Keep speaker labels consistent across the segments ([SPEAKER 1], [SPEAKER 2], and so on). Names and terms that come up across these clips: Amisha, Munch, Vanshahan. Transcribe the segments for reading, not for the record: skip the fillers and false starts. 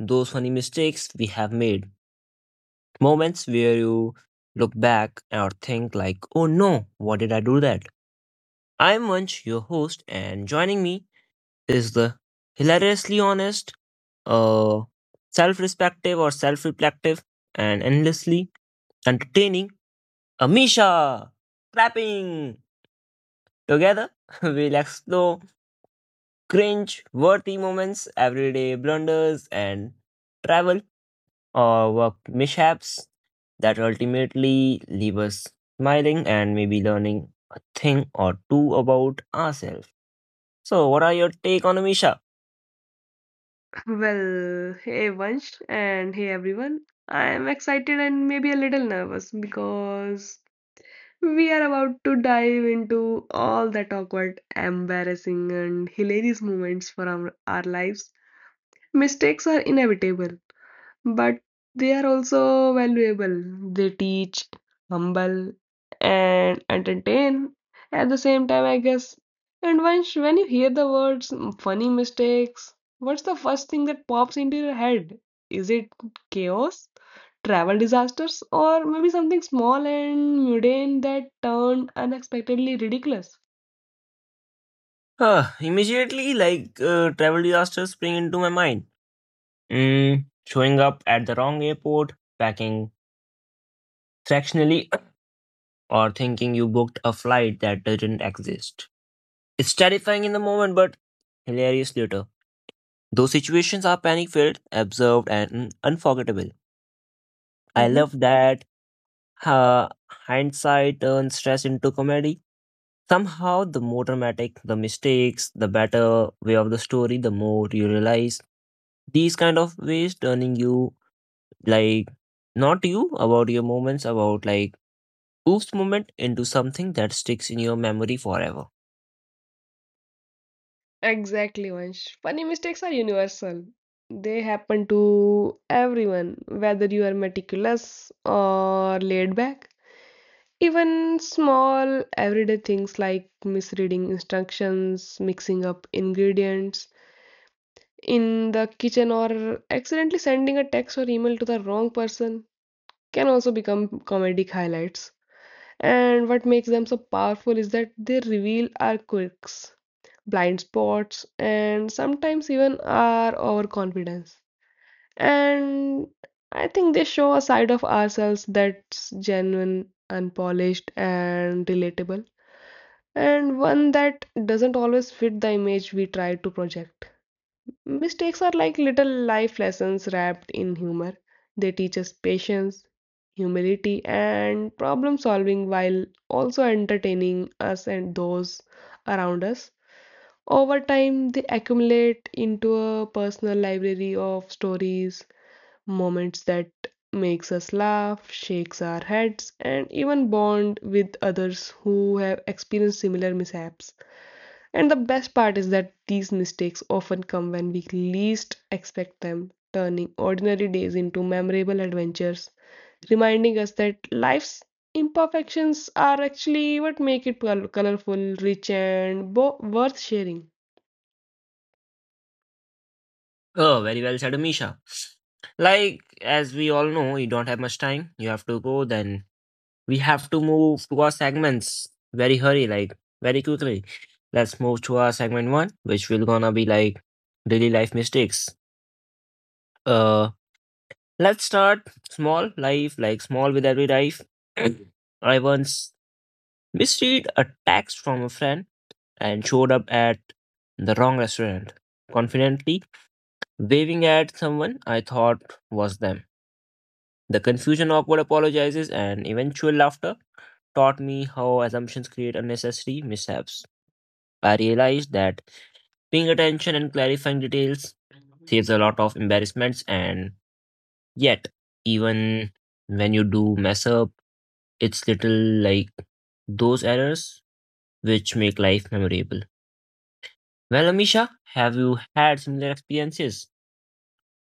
[SPEAKER 1] those funny mistakes we have made, moments where you look back or think like, "Oh no, what did I do that?" I'm Munch, your host, and joining me is the hilariously honest, uh, self-respective or self-reflective, and endlessly entertaining Amisha, clapping! Together, we'll explore cringe worthy moments, everyday blunders, and travel or work mishaps that ultimately leave us smiling and maybe learning a thing or two about ourselves. So, what are your take on Amisha?
[SPEAKER 2] Well, hey Vansh, and hey everyone. I am excited and maybe a little nervous because we are about to dive into all that awkward, embarrassing, and hilarious moments from our lives. Mistakes are inevitable, but they are also valuable. They teach, humble, and entertain at the same time, I guess. And once when you hear the words funny mistakes, what's the first thing that pops into your head? Is it chaos, travel disasters, or maybe something small and mundane that turned unexpectedly ridiculous?
[SPEAKER 1] Huh, immediately, travel disasters spring into my mind. Showing up at the wrong airport, packing fractionally or thinking you booked a flight that didn't exist. It's terrifying in the moment, but hilarious later. Those situations are panic filled, observed, and unforgettable. I
[SPEAKER 2] Mhm.
[SPEAKER 1] love that hindsight turns stress into comedy. Somehow, the more dramatic the mistakes, the better way of the story, the more you realize these kind of ways turning you like not you about your moments, about like oops moment into something that sticks in your memory forever.
[SPEAKER 2] Exactly, Vansh. Funny mistakes are universal. They happen to everyone, whether you are meticulous or laid back. Even small everyday things like misreading instructions, mixing up ingredients in the kitchen, or accidentally sending a text or email to the wrong person can also become comedic highlights. And what makes them so powerful is that they reveal our quirks, blind spots, and sometimes even our overconfidence. And I think they show a side of ourselves that's genuine, unpolished, and relatable, and one that doesn't always fit the image we try to project. Mistakes are like little life lessons wrapped in humor. They teach us patience, humility, and problem solving while also entertaining us and those around us. Over time, they accumulate into a personal library of stories, moments that makes us laugh, shakes our heads, and even bond with others who have experienced similar mishaps. And the best part is that these mistakes often come when we least expect them, turning ordinary days into memorable adventures, reminding us that life's imperfections are actually what make it colorful, rich, and worth sharing.
[SPEAKER 1] Oh, very well said, Amisha. Like, as we all know, you don't have much time. You have to go, then we have to move to our segments very hurry, like very quickly. Let's move to our segment one, which will gonna be like daily life mistakes. Uh, let's start small life, like small with every life. I once misread a text from a friend and showed up at the wrong restaurant, confidently waving at someone I thought was them. The confusion, awkward apologizes, and eventual laughter taught me how assumptions create unnecessary mishaps. I realized that paying attention and clarifying details saves a lot of embarrassments, and yet, even when you do mess up, it's little like those errors which make life memorable. Well, Amisha, have you had similar experiences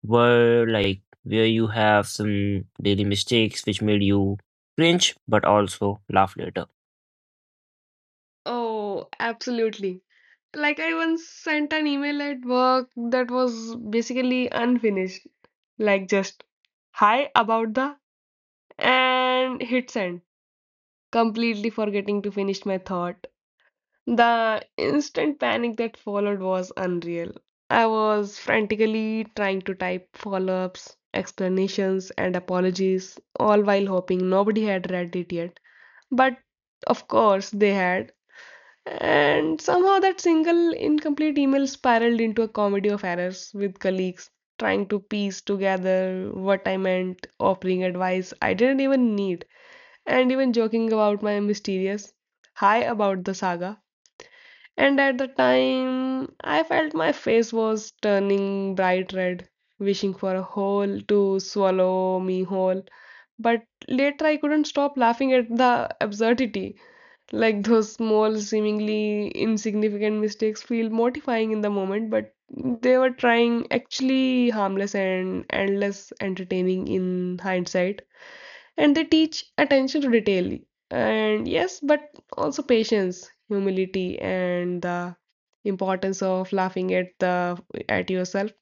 [SPEAKER 1] where, like, where you have some daily mistakes which made you cringe but also laugh later?
[SPEAKER 2] Oh, absolutely. Like I once sent an email at work that was basically unfinished. Like just hi about the and hit send, completely forgetting to finish my thought. The instant panic that followed was unreal. I was frantically trying to type follow-ups, explanations, and apologies, all while hoping nobody had read it yet. But of course they had, and somehow that single incomplete email spiraled into a comedy of errors with colleagues trying to piece together what I meant, offering advice I didn't even need, and even joking about my mysterious high about the saga. And at the time, I felt my face was turning bright red, wishing for a hole to swallow me whole. But later, I couldn't stop laughing at the absurdity. Like those small, seemingly insignificant mistakes feel mortifying in the moment, but they were trying actually harmless and endless entertaining in hindsight. And they teach attention to detail. And yes, but also patience, humility, and the importance of laughing at the at yourself.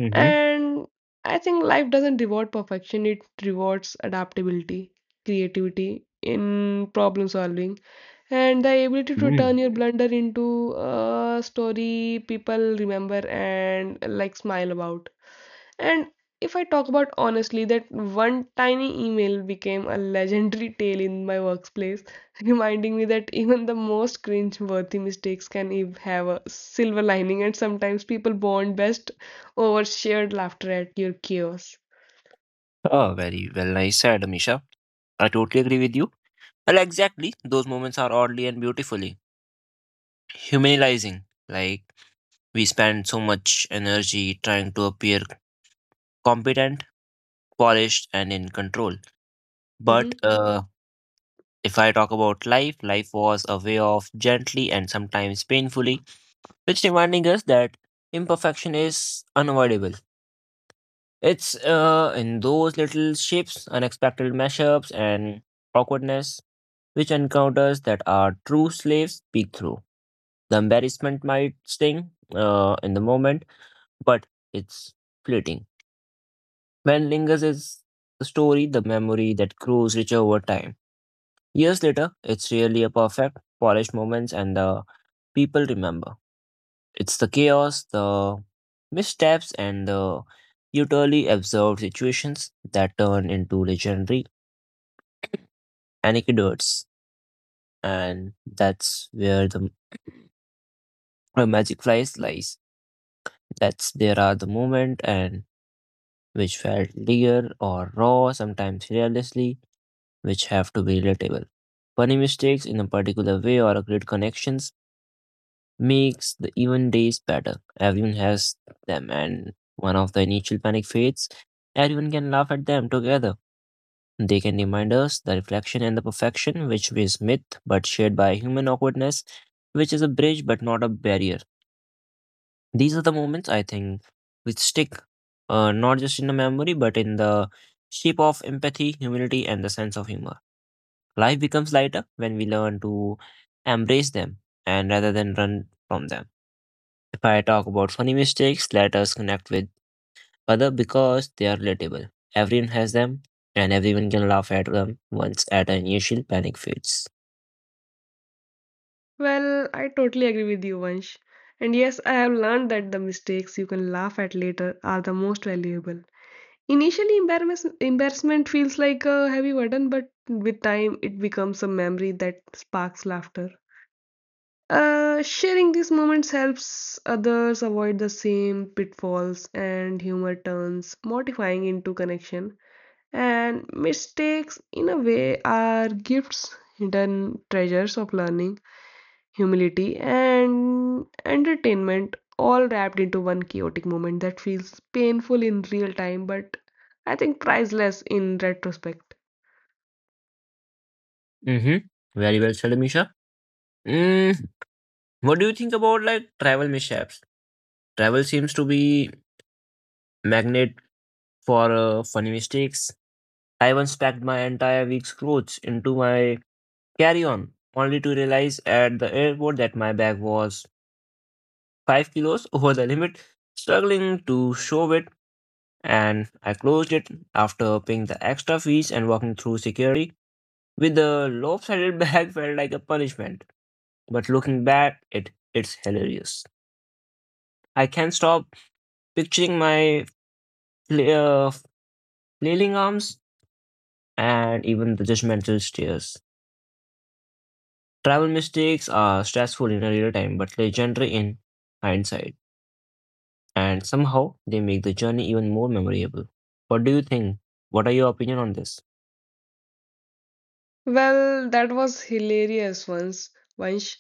[SPEAKER 1] Mm-hmm.
[SPEAKER 2] And I think life doesn't reward perfection, it rewards adaptability, creativity in problem solving, and the ability to
[SPEAKER 1] Mm.
[SPEAKER 2] turn your blunder into a story people remember and like smile about. And if I talk about honestly, that one tiny email became a legendary tale in my workplace, reminding me that even the most cringe-worthy mistakes can have a silver lining, and sometimes people bond best over shared laughter at your chaos.
[SPEAKER 1] Oh, very well, nice said, Amisha. I totally agree with you. Well, exactly. Those moments are oddly and beautifully humanizing. Like we spend so much energy trying to appear competent, polished, and in control.
[SPEAKER 2] Mhm.
[SPEAKER 1] But if I talk about life, life was a way of gently and sometimes painfully, which reminding us that imperfection is unavoidable. It's in those little shapes, unexpected mashups, and awkwardness which encounters that are true slaves peek through. The embarrassment might sting in the moment, but it's fleeting. Man lingers is the story, the memory that grows richer over time. Years later, it's really a perfect, polished moments, and the people remember. It's the chaos, the missteps, and the utterly absurd situations that turn into legendary anecdotes, and that's where the magic flies lies. That's there are the moment and which felt dear or raw, sometimes fearlessly, which have to be relatable. Funny mistakes in a particular way or a great connections makes the even days better. Everyone has them and one of the initial panic fades, everyone can laugh at them together. They can remind us the reflection and the perfection which is myth but shared by human awkwardness, which is a bridge but not a barrier. These are the moments I think which stick, not just in the memory, but in the shape of empathy, humility, and the sense of humor. Life becomes lighter when we learn to embrace them and rather than run from them. If I talk about funny mistakes, let us connect with other because they are relatable. Everyone has them, and everyone can laugh at them once at an initial panic fades.
[SPEAKER 2] Well, I totally agree with you, Vansh. And yes, I have learned that the mistakes you can laugh at later are the most valuable. Initially, embarrassment feels like a heavy burden, but with time, it becomes a memory that sparks laughter. Sharing these moments helps others avoid the same pitfalls, and humor turns mortifying into connection. And mistakes, in a way, are gifts, hidden treasures of learning, humility, and entertainment all wrapped into one chaotic moment that feels painful in real time but I think priceless in retrospect.
[SPEAKER 1] Mm-hmm. Very well said, Amisha. Mm, what do you think about like travel mishaps? Travel seems to be magnet for funny mistakes. I once packed my entire week's clothes into my carry on, only to realize at the airport that my bag was 5 kilos over the limit, struggling to show it, and I closed it after paying the extra fees and walking through security with the lopsided bag felt like a punishment. But looking back, it's hilarious. I can't stop picturing my fla- uh, flailing arms and even the judgmental stares. Travel mistakes are stressful in real time but legendary in hindsight, and somehow they make the journey even more memorable. What do you think? What are your opinion on this?
[SPEAKER 2] Well, that was hilarious once,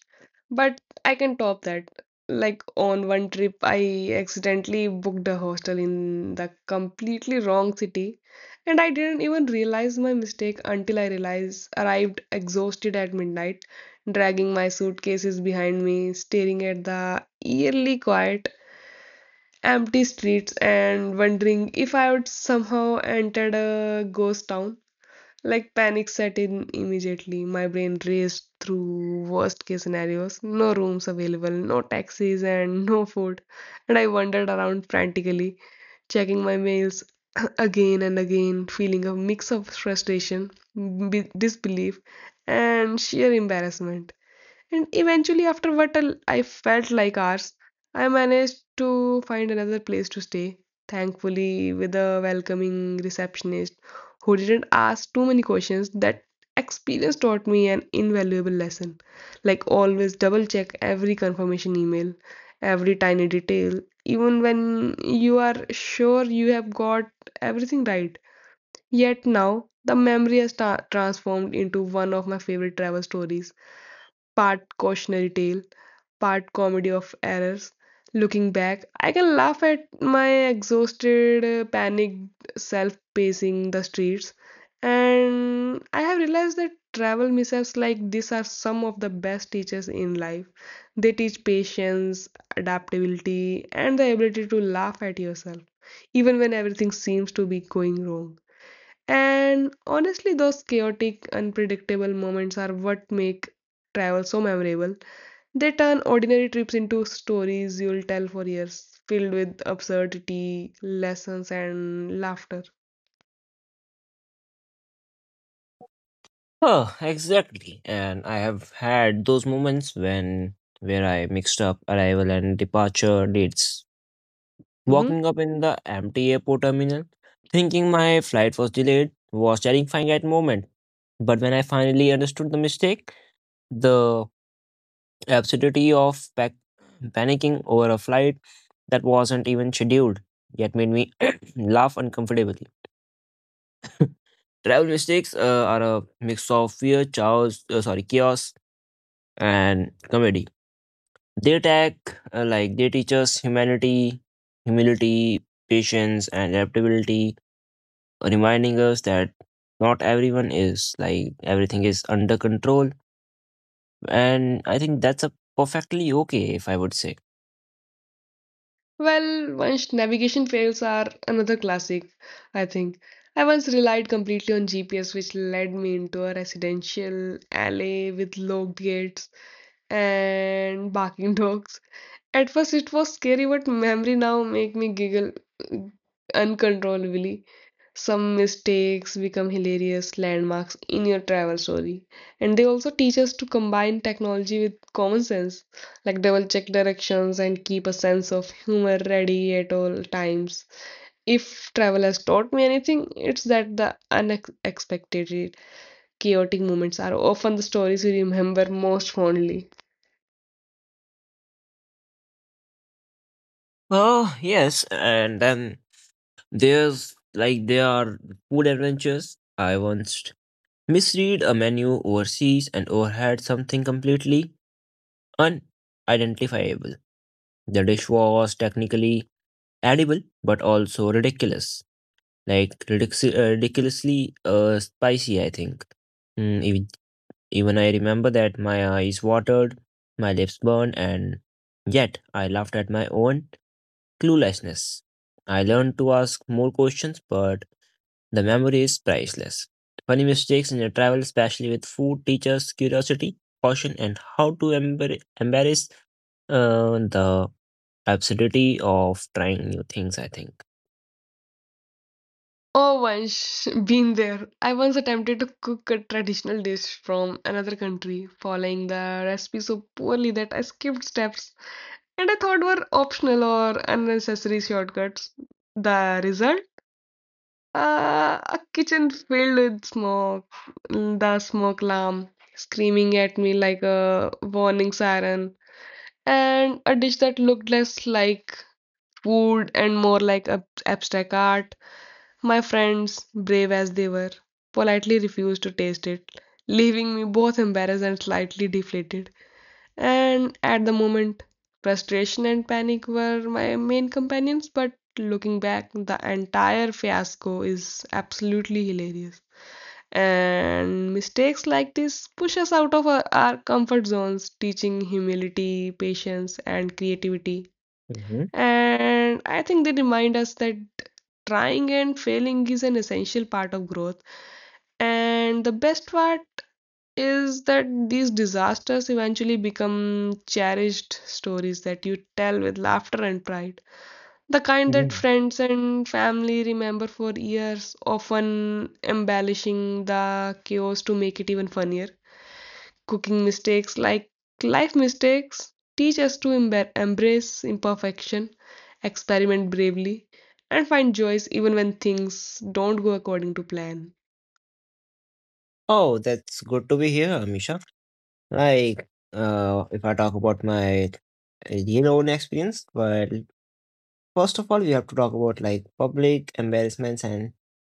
[SPEAKER 2] but I can top that. Like on one trip, I accidentally booked a hostel in the completely wrong city, and I didn't even realize my mistake until I realized arrived exhausted at midnight, dragging my suitcases behind me, staring at the eerily quiet, empty streets, and wondering if I would somehow entered a ghost town. Like panic set in immediately. My brain raced through worst case scenarios. No rooms available, no taxis, and no food. And I wandered around frantically, checking my mails again and again, feeling a mix of frustration, disbelief, and sheer embarrassment. And eventually, after what I felt like hours, I managed to find another place to stay, thankfully, with a welcoming receptionist who didn't ask too many questions. That experience taught me an invaluable lesson. Like, always double check every confirmation email, every tiny detail, even when you are sure you have got everything right. Yet now, the memory has transformed into one of my favorite travel stories, part cautionary tale, part comedy of errors. Looking back, I can laugh at my exhausted, panicked self pacing the streets. And I have realized that travel mishaps like this are some of the best teachers in life. They teach patience, adaptability, and the ability to laugh at yourself, even when everything seems to be going wrong. And honestly, those chaotic, unpredictable moments are what make travel so memorable. They turn ordinary trips into stories you'll tell for years, filled with absurdity, lessons, and laughter.
[SPEAKER 1] Oh, exactly. And I have had those moments when where I mixed up arrival and departure dates.
[SPEAKER 2] Mhm.
[SPEAKER 1] Walking up in the empty airport terminal, thinking my flight was delayed, was terrifying at moment. But when I finally understood the mistake, the the absurdity of panicking over a flight that wasn't even scheduled, yet made me laugh uncomfortably. Travel mistakes are a mix of fear, chaos, chaos, and comedy. They attack like they teach us humanity, humility, patience, and adaptability, reminding us that not everyone is like everything is under control. And I think that's a perfectly okay, if I would say.
[SPEAKER 2] Well, once navigation fails are another classic, I think. I once relied completely on GPS, which led me into a residential alley with locked gates and barking dogs. At first, it was scary, but memory now make me giggle uncontrollably. Some mistakes become hilarious landmarks in your travel story, and they also teach us to combine technology with common sense. Like they will check directions and keep a sense of humor ready at all times. If travel has taught me anything, it's that the unexpected chaotic moments are often the stories we remember most fondly.
[SPEAKER 1] Oh yes, and then there's like there are food adventures. I once misread a menu overseas and overheard something completely unidentifiable. The dish was technically edible but also ridiculous, like ridiculously spicy. I think Mm, ev- even I remember that my eyes watered, my lips burned, and yet I laughed at my own cluelessness. I learned to ask more questions, but the memory is priceless. Funny mistakes in your travel, especially with food, teachers curiosity, caution, and how to embrace the absurdity of trying new things, I think.
[SPEAKER 2] Oh, once been there. I once attempted to cook a traditional dish from another country, following the recipe so poorly that I skipped steps and I thought were optional or unnecessary shortcuts. The result, a kitchen filled with smoke, the smoke alarm screaming at me like a warning siren, and a dish that looked less like food and more like ab abstract art. My friends, brave as they were, politely refused to taste it, leaving me both embarrassed and slightly deflated. And at the moment, frustration and panic were my main companions, but looking back, the entire fiasco is absolutely hilarious. And mistakes like this push us out of our comfort zones, teaching humility, patience, and creativity.
[SPEAKER 1] Hmm.
[SPEAKER 2] And I think they remind us that trying and failing is an essential part of growth. And the best part is that these disasters eventually become cherished stories that you tell with laughter and pride. The kind that
[SPEAKER 1] Mhm.
[SPEAKER 2] friends and family remember for years, often embellishing the chaos to make it even funnier. Cooking mistakes, like life mistakes, teach us to embrace imperfection, experiment bravely, and find joys even when things don't go according to plan.
[SPEAKER 1] Oh, that's good to be here, Amisha. Like, if I talk about my real own experience, well, first of all, we have to talk about like public embarrassments and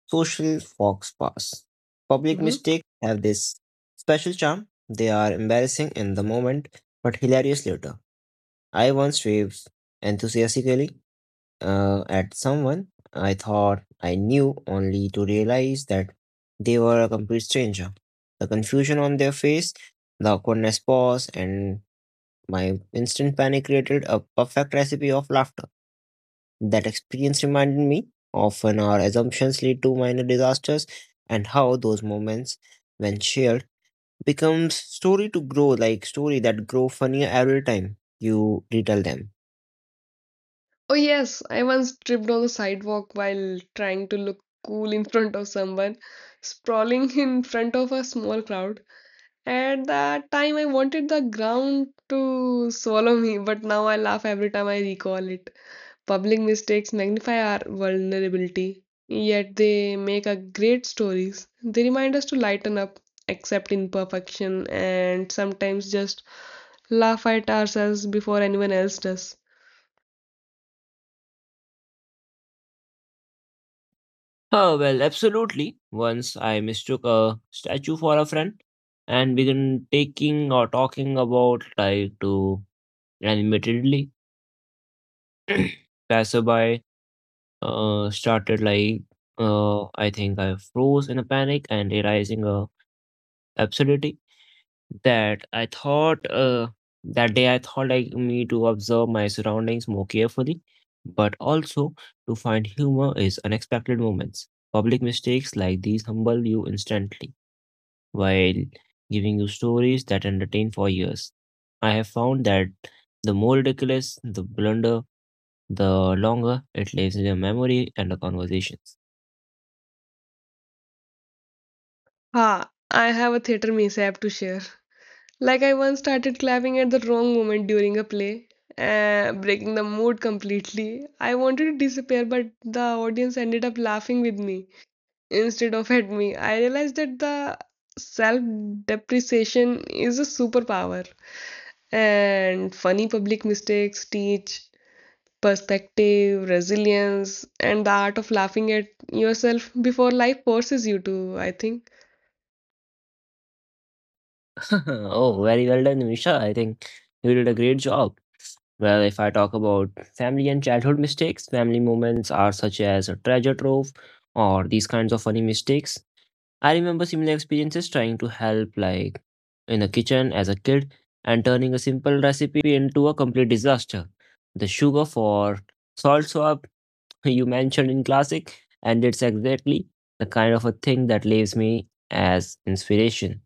[SPEAKER 1] social fox pass. Public
[SPEAKER 2] Mhm.
[SPEAKER 1] mistakes have this special charm. They are embarrassing in the moment, but hilarious later. I once waved enthusiastically at someone I thought I knew, only to realize that they were a complete stranger. The confusion on their face, the awkwardness pause, and my instant panic created a perfect recipe of laughter. That experience reminded me often our assumptions lead to minor disasters and how those moments when shared becomes story to grow like story that grow funnier every time you retell them.
[SPEAKER 2] Oh, yes, I once tripped on the sidewalk while trying to look cool in front of someone, sprawling in front of a small crowd. At that time, I wanted the ground to swallow me, but now I laugh every time I recall it. Public mistakes magnify our vulnerability, yet they make a great stories. They remind us to lighten up, accept imperfection, and sometimes just laugh at ourselves before anyone else does.
[SPEAKER 1] Oh, well, absolutely. Once I mistook a statue for a friend and began taking or talking about like to animatedly passerby started like I think I froze in a panic and realizing a absurdity that I thought that day I thought like me to observe my surroundings more carefully, but also to find humor is unexpected moments. Public mistakes like these humble you instantly while giving you stories that entertain for years. I have found that the more ridiculous the blunder, the longer it lives in your memory and the conversations.
[SPEAKER 2] Ha! I have a theater mishap to share. Like, I once started clapping at the wrong moment during a play, breaking the mood completely. I wanted to disappear, but the audience ended up laughing with me instead of at me. I realized that the self depreciation is a superpower, and funny public mistakes teach perspective, resilience, and the art of laughing at yourself before life forces you to, I think.
[SPEAKER 1] Oh, very well done, Misha. I think you did a great job. Well, if I talk about family and childhood mistakes, family moments are such as a treasure trove or these kinds of funny mistakes. I remember similar experiences trying to help, like in the kitchen as a kid, and turning a simple recipe into a complete disaster. The sugar for salt swap you mentioned in classic, and it's exactly the kind of a thing that leaves me as inspiration.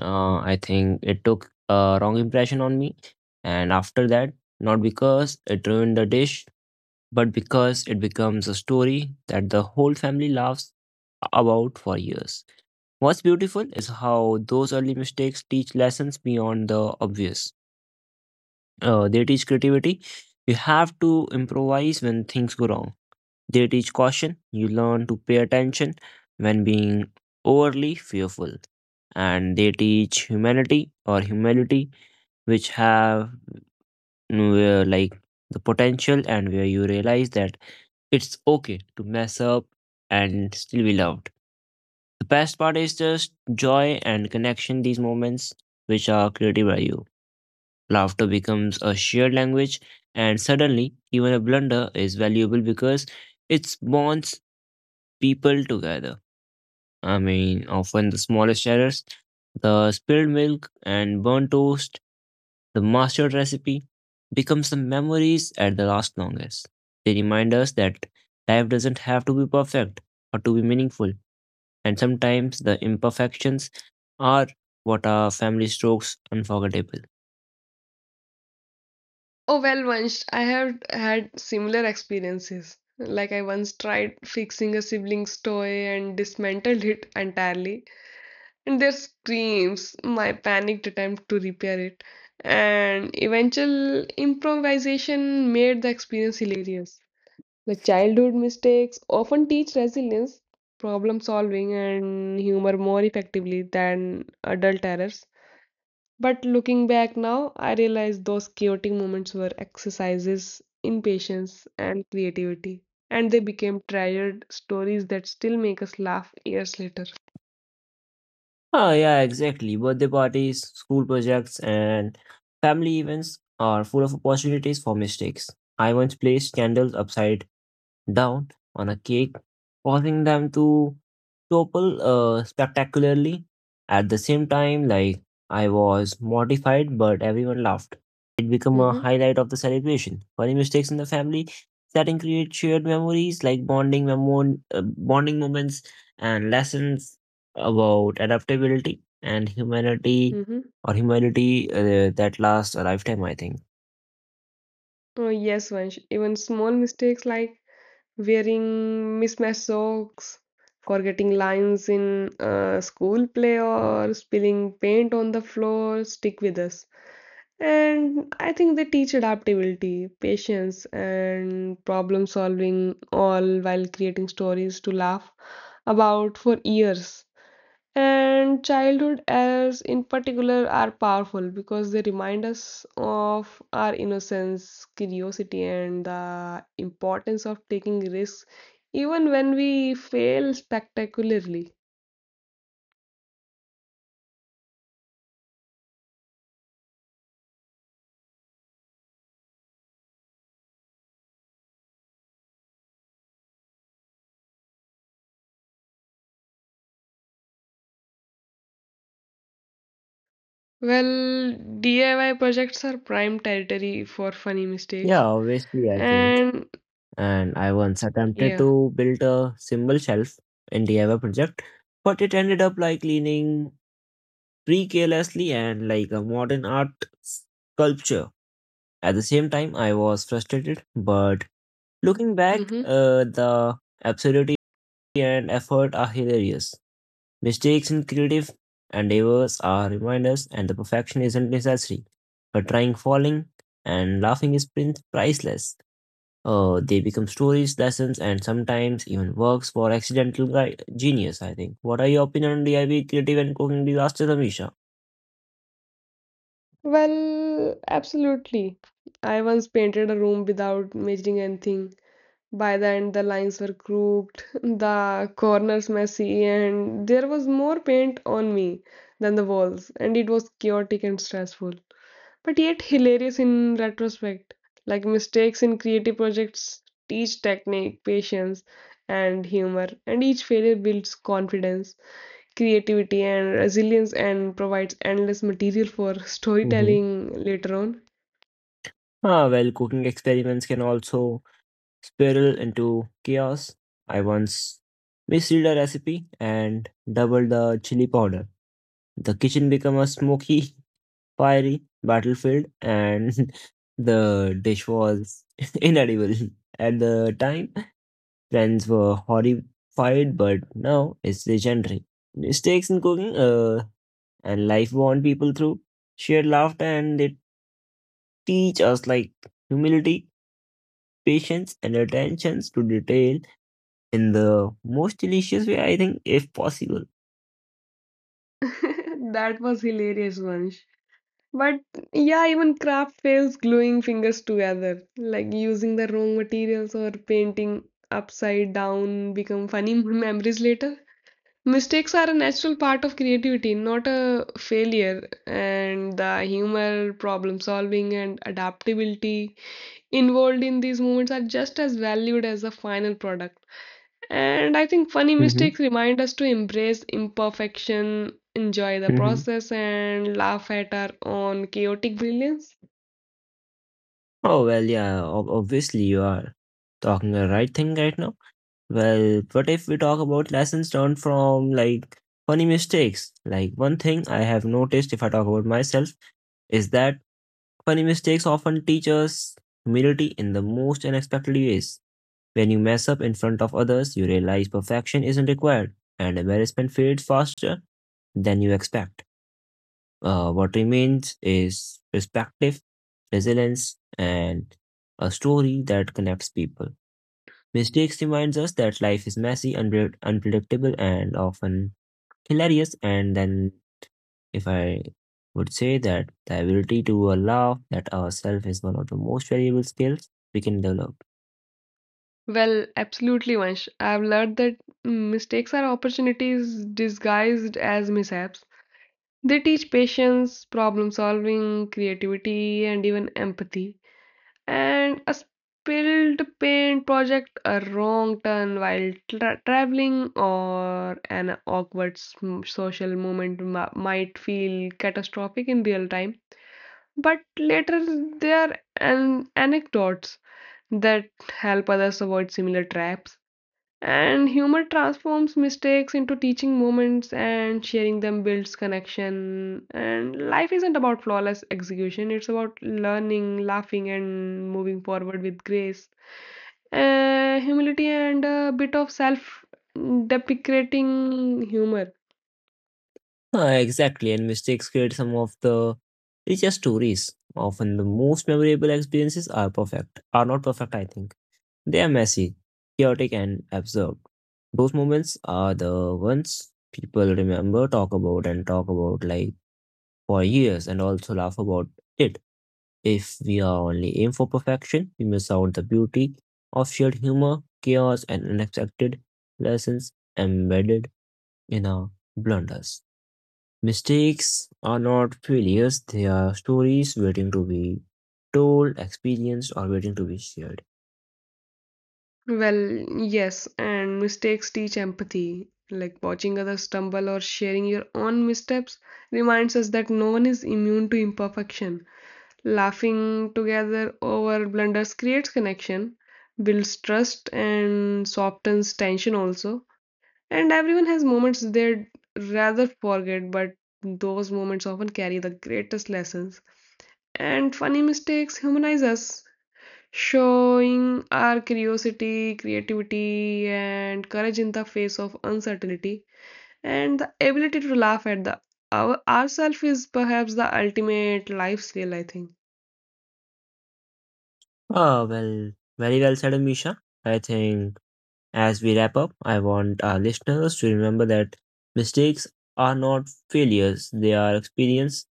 [SPEAKER 1] I think it took a wrong impression on me, and after that, not because it ruined the dish, but because it becomes a story that the whole family laughs about for years. What's beautiful is how those early mistakes teach lessons beyond the obvious. They teach creativity. You have to improvise when things go wrong they teach caution. You learn to pay attention when being overly fearful. And they teach humanity or humility, which have where, like the potential and where you realize that it's okay to mess up and still be loved. The best part is just joy and connection, these moments which are created by you. Laughter becomes a shared language, and suddenly, even a blunder is valuable because it bonds people together. I mean, often the smallest errors, the spilled milk and burnt toast, the mastered recipe, becomes the memories at the last longest. They remind us that life doesn't have to be perfect or to be meaningful, and sometimes the imperfections are what are family strokes unforgettable.
[SPEAKER 2] Oh, well, once I have had similar experiences. Like, I once tried fixing a sibling's toy and dismantled it entirely. And their screams, my panicked attempt to repair it, and eventual improvisation made the experience hilarious. The childhood mistakes often teach resilience, problem solving, and humor more effectively than adult errors. But looking back now, I realize those chaotic moments were exercises in patience and creativity, and they became treasured stories that still make us laugh years later.
[SPEAKER 1] Ah, yeah, exactly. Birthday parties, school projects, and family events are full of opportunities for mistakes. I once placed candles upside down on a cake, causing them to topple spectacularly. At the same time, like I was mortified, but everyone laughed, and it became a
[SPEAKER 2] Mm-hmm,
[SPEAKER 1] highlight of the celebration. Funny mistakes in the family setting create shared memories like bonding moments and lessons about adaptability and humanity
[SPEAKER 2] mm-hmm.
[SPEAKER 1] or humanity that lasts a lifetime, I think.
[SPEAKER 2] Oh, yes, Vansh. Even small mistakes like wearing mismatched socks, forgetting lines in school play, or spilling paint on the floor stick with us. And I think they teach adaptability, patience, and problem solving, all while creating stories to laugh about for years. And childhood errors in particular are powerful because they remind us of our innocence, curiosity, and the importance of taking risks, even when we fail spectacularly. Well, DIY projects are prime territory for funny
[SPEAKER 1] Yeah,
[SPEAKER 2] mistakes.
[SPEAKER 1] obviously, I think.
[SPEAKER 2] And
[SPEAKER 1] And I once attempted
[SPEAKER 2] yeah.
[SPEAKER 1] to build a symbol shelf in DIY project, but it ended up like leaning pretty carelessly and like a modern art sculpture. At the same time, I was frustrated, but looking back,
[SPEAKER 2] hmm
[SPEAKER 1] the absurdity and effort are hilarious. Mistakes in creative endeavors are reminders, and the perfection isn't necessary, but trying, falling, and laughing is priceless. They become stories, lessons, and sometimes even works for accidental genius, I think. What are your opinion on DIY creative and cooking disasters, Amisha?
[SPEAKER 2] Well, absolutely. I once painted a room without measuring anything. By the end, the lines were crooked, the corners messy, and there was more paint on me than the walls, and it was chaotic and stressful, but yet hilarious in retrospect. Like mistakes in creative projects teach technique, patience, and humor, and each failure builds confidence, creativity, and resilience, and provides endless material for
[SPEAKER 1] hmm
[SPEAKER 2] storytelling later on.
[SPEAKER 1] Ah, well, cooking experiments can also spiral into chaos. I once misread a recipe and doubled the chili powder. The kitchen became a smoky, fiery battlefield, and the dish was inedible at the time. Friends were horrified, but now it's legendary. Mistakes in cooking and life bond people through shared laughter, and they teach us like humility, patience, and attentions to detail in the most delicious way, I think, if possible.
[SPEAKER 2] That was hilarious, Vansh. But yeah, even craft fails, gluing fingers together, like using the wrong materials or painting upside down, become funny memories later. Mistakes are a natural part of creativity, not a failure. And the humor, problem solving, and adaptability involved in these moments are just as valued as the final product. And I think funny
[SPEAKER 1] Hmm.
[SPEAKER 2] mistakes remind us to embrace imperfection, enjoy the
[SPEAKER 1] Hmm.
[SPEAKER 2] process, and laugh at our own chaotic brilliance.
[SPEAKER 1] Oh, well, yeah, obviously, you are talking the right thing right now. Well, what if we talk about lessons learned from like funny mistakes? Like one thing I have noticed if I talk about myself is that funny mistakes often teach us humility in the most unexpected ways. When you mess up in front of others, you realize perfection isn't required and embarrassment fades faster than you expect. What remains is perspective, resilience, and a story that connects people. Mistakes reminds us that life is messy, unpredictable, and often hilarious. And then, if I would say that the ability to laugh that ourselves is one of the most valuable skills we can develop.
[SPEAKER 2] Well, absolutely, Vansh. I've learned that mistakes are opportunities disguised as mishaps. They teach patience, problem solving, creativity, and even empathy. And a spilled paint project, a wrong turn while traveling, or an awkward social moment might feel catastrophic in real time. But later, there are anecdotes that help others avoid similar traps. And humor transforms mistakes into teaching moments, and sharing them builds connection. And life isn't about flawless execution, it's about learning, laughing, and moving forward with grace, humility, and a bit of self deprecating humor.
[SPEAKER 1] Ah, exactly, and mistakes create some of the richest stories. Often, the most memorable experiences are perfect, are not perfect. I think they are messy, chaotic, and absurd. Those moments are the ones people remember, talk about, and talk about like for years and also laugh about it. If we are only aim for perfection, we miss out the beauty of shared humor, chaos, and unexpected lessons embedded in our blunders. Mistakes are not failures, they are stories waiting to be told, experienced, or waiting to be shared.
[SPEAKER 2] Well, yes, and mistakes teach empathy. Like watching others stumble or sharing your own missteps reminds us that no one is immune to imperfection. Laughing together over blunders creates connection, builds trust, and softens tension also. And everyone has moments they'd rather forget, but those moments often carry the greatest lessons. And funny mistakes humanize us, showing our curiosity, creativity, and courage in the face of uncertainty. And the ability to laugh at ourself is perhaps the ultimate life's skill, I think.
[SPEAKER 1] Ah, well, very well said, Amisha. I think as we wrap up, I want our listeners to remember that mistakes are not failures, they are experience.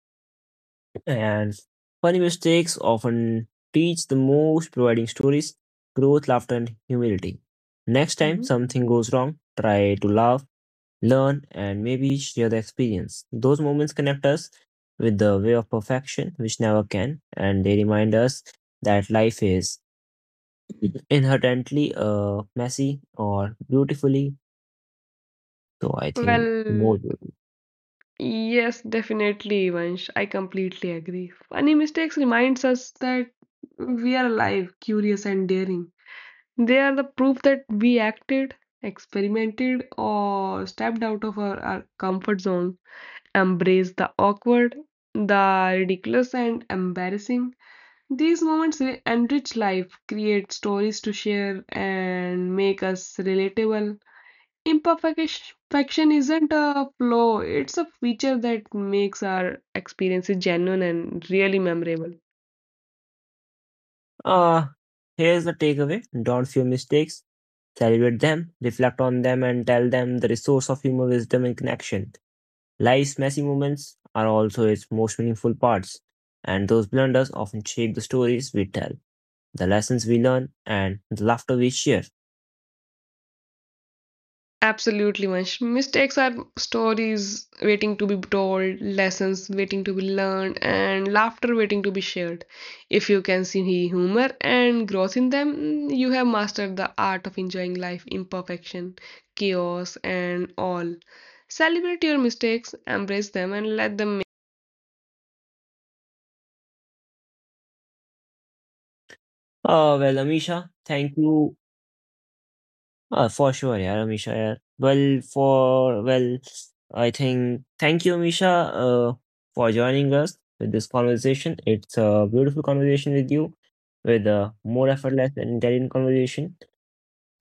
[SPEAKER 1] And funny mistakes often teach the most, providing stories, growth, laughter, and humility. Next time
[SPEAKER 2] Mhm.
[SPEAKER 1] something goes wrong, try to laugh, learn, and maybe share the experience. Those moments connect us with the way of perfection, which never can, and they remind us that life is inherently messy or beautifully, so I think more
[SPEAKER 2] Well,
[SPEAKER 1] beautiful.
[SPEAKER 2] yes, definitely, Vansh. I completely agree. Funny mistakes reminds us that we are alive, curious, and daring. They are the proof that we acted, experimented, or stepped out of our comfort zone, embraced the awkward, the ridiculous, and embarrassing. These moments enrich life, create stories to share, and make us relatable. Imperfection isn't a flaw, it's a feature that makes our experiences genuine and really memorable.
[SPEAKER 1] Uh, here's the takeaway. Don't fear mistakes. Celebrate them, reflect on them, and tell them the resource of humor, wisdom, and connection. Life's messy moments are also its most meaningful parts, and those blunders often shape the stories we tell, the lessons we learn, and the laughter we share.
[SPEAKER 2] Absolutely, Vansh. Mistakes are stories waiting to be told, lessons waiting to be learned, and laughter waiting to be shared. If you can see humor and growth in them, you have mastered the art of enjoying life, imperfection, chaos, and all. Celebrate your mistakes, embrace them, and let them
[SPEAKER 1] Oh, well, Amisha, thank you. For sure, yeah, Amisha. Yeah. Well, for, well, I think, thank you, Amisha, uh, for joining us with this conversation. It's a beautiful conversation with you, with a more effortless and intelligent conversation.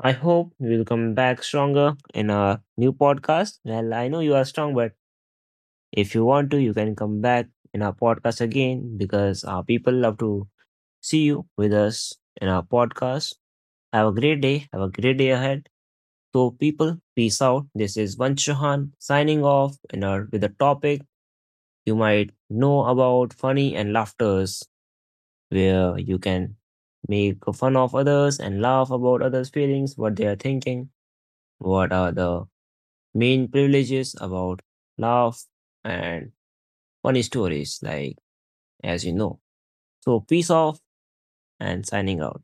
[SPEAKER 1] I hope you will come back stronger in our new podcast. Well, I know you are strong, but if you want to, you can come back in our podcast again because our people love to see you with us in our podcast. Have a great day. Have a great day ahead. So, people, peace out. This is Vanshahan signing off in our, with a topic you might know about funny and laughters, where you can make fun of others and laugh about others' feelings, what they are thinking. What are the main privileges about love and funny stories, like as you know? So, peace off and signing out.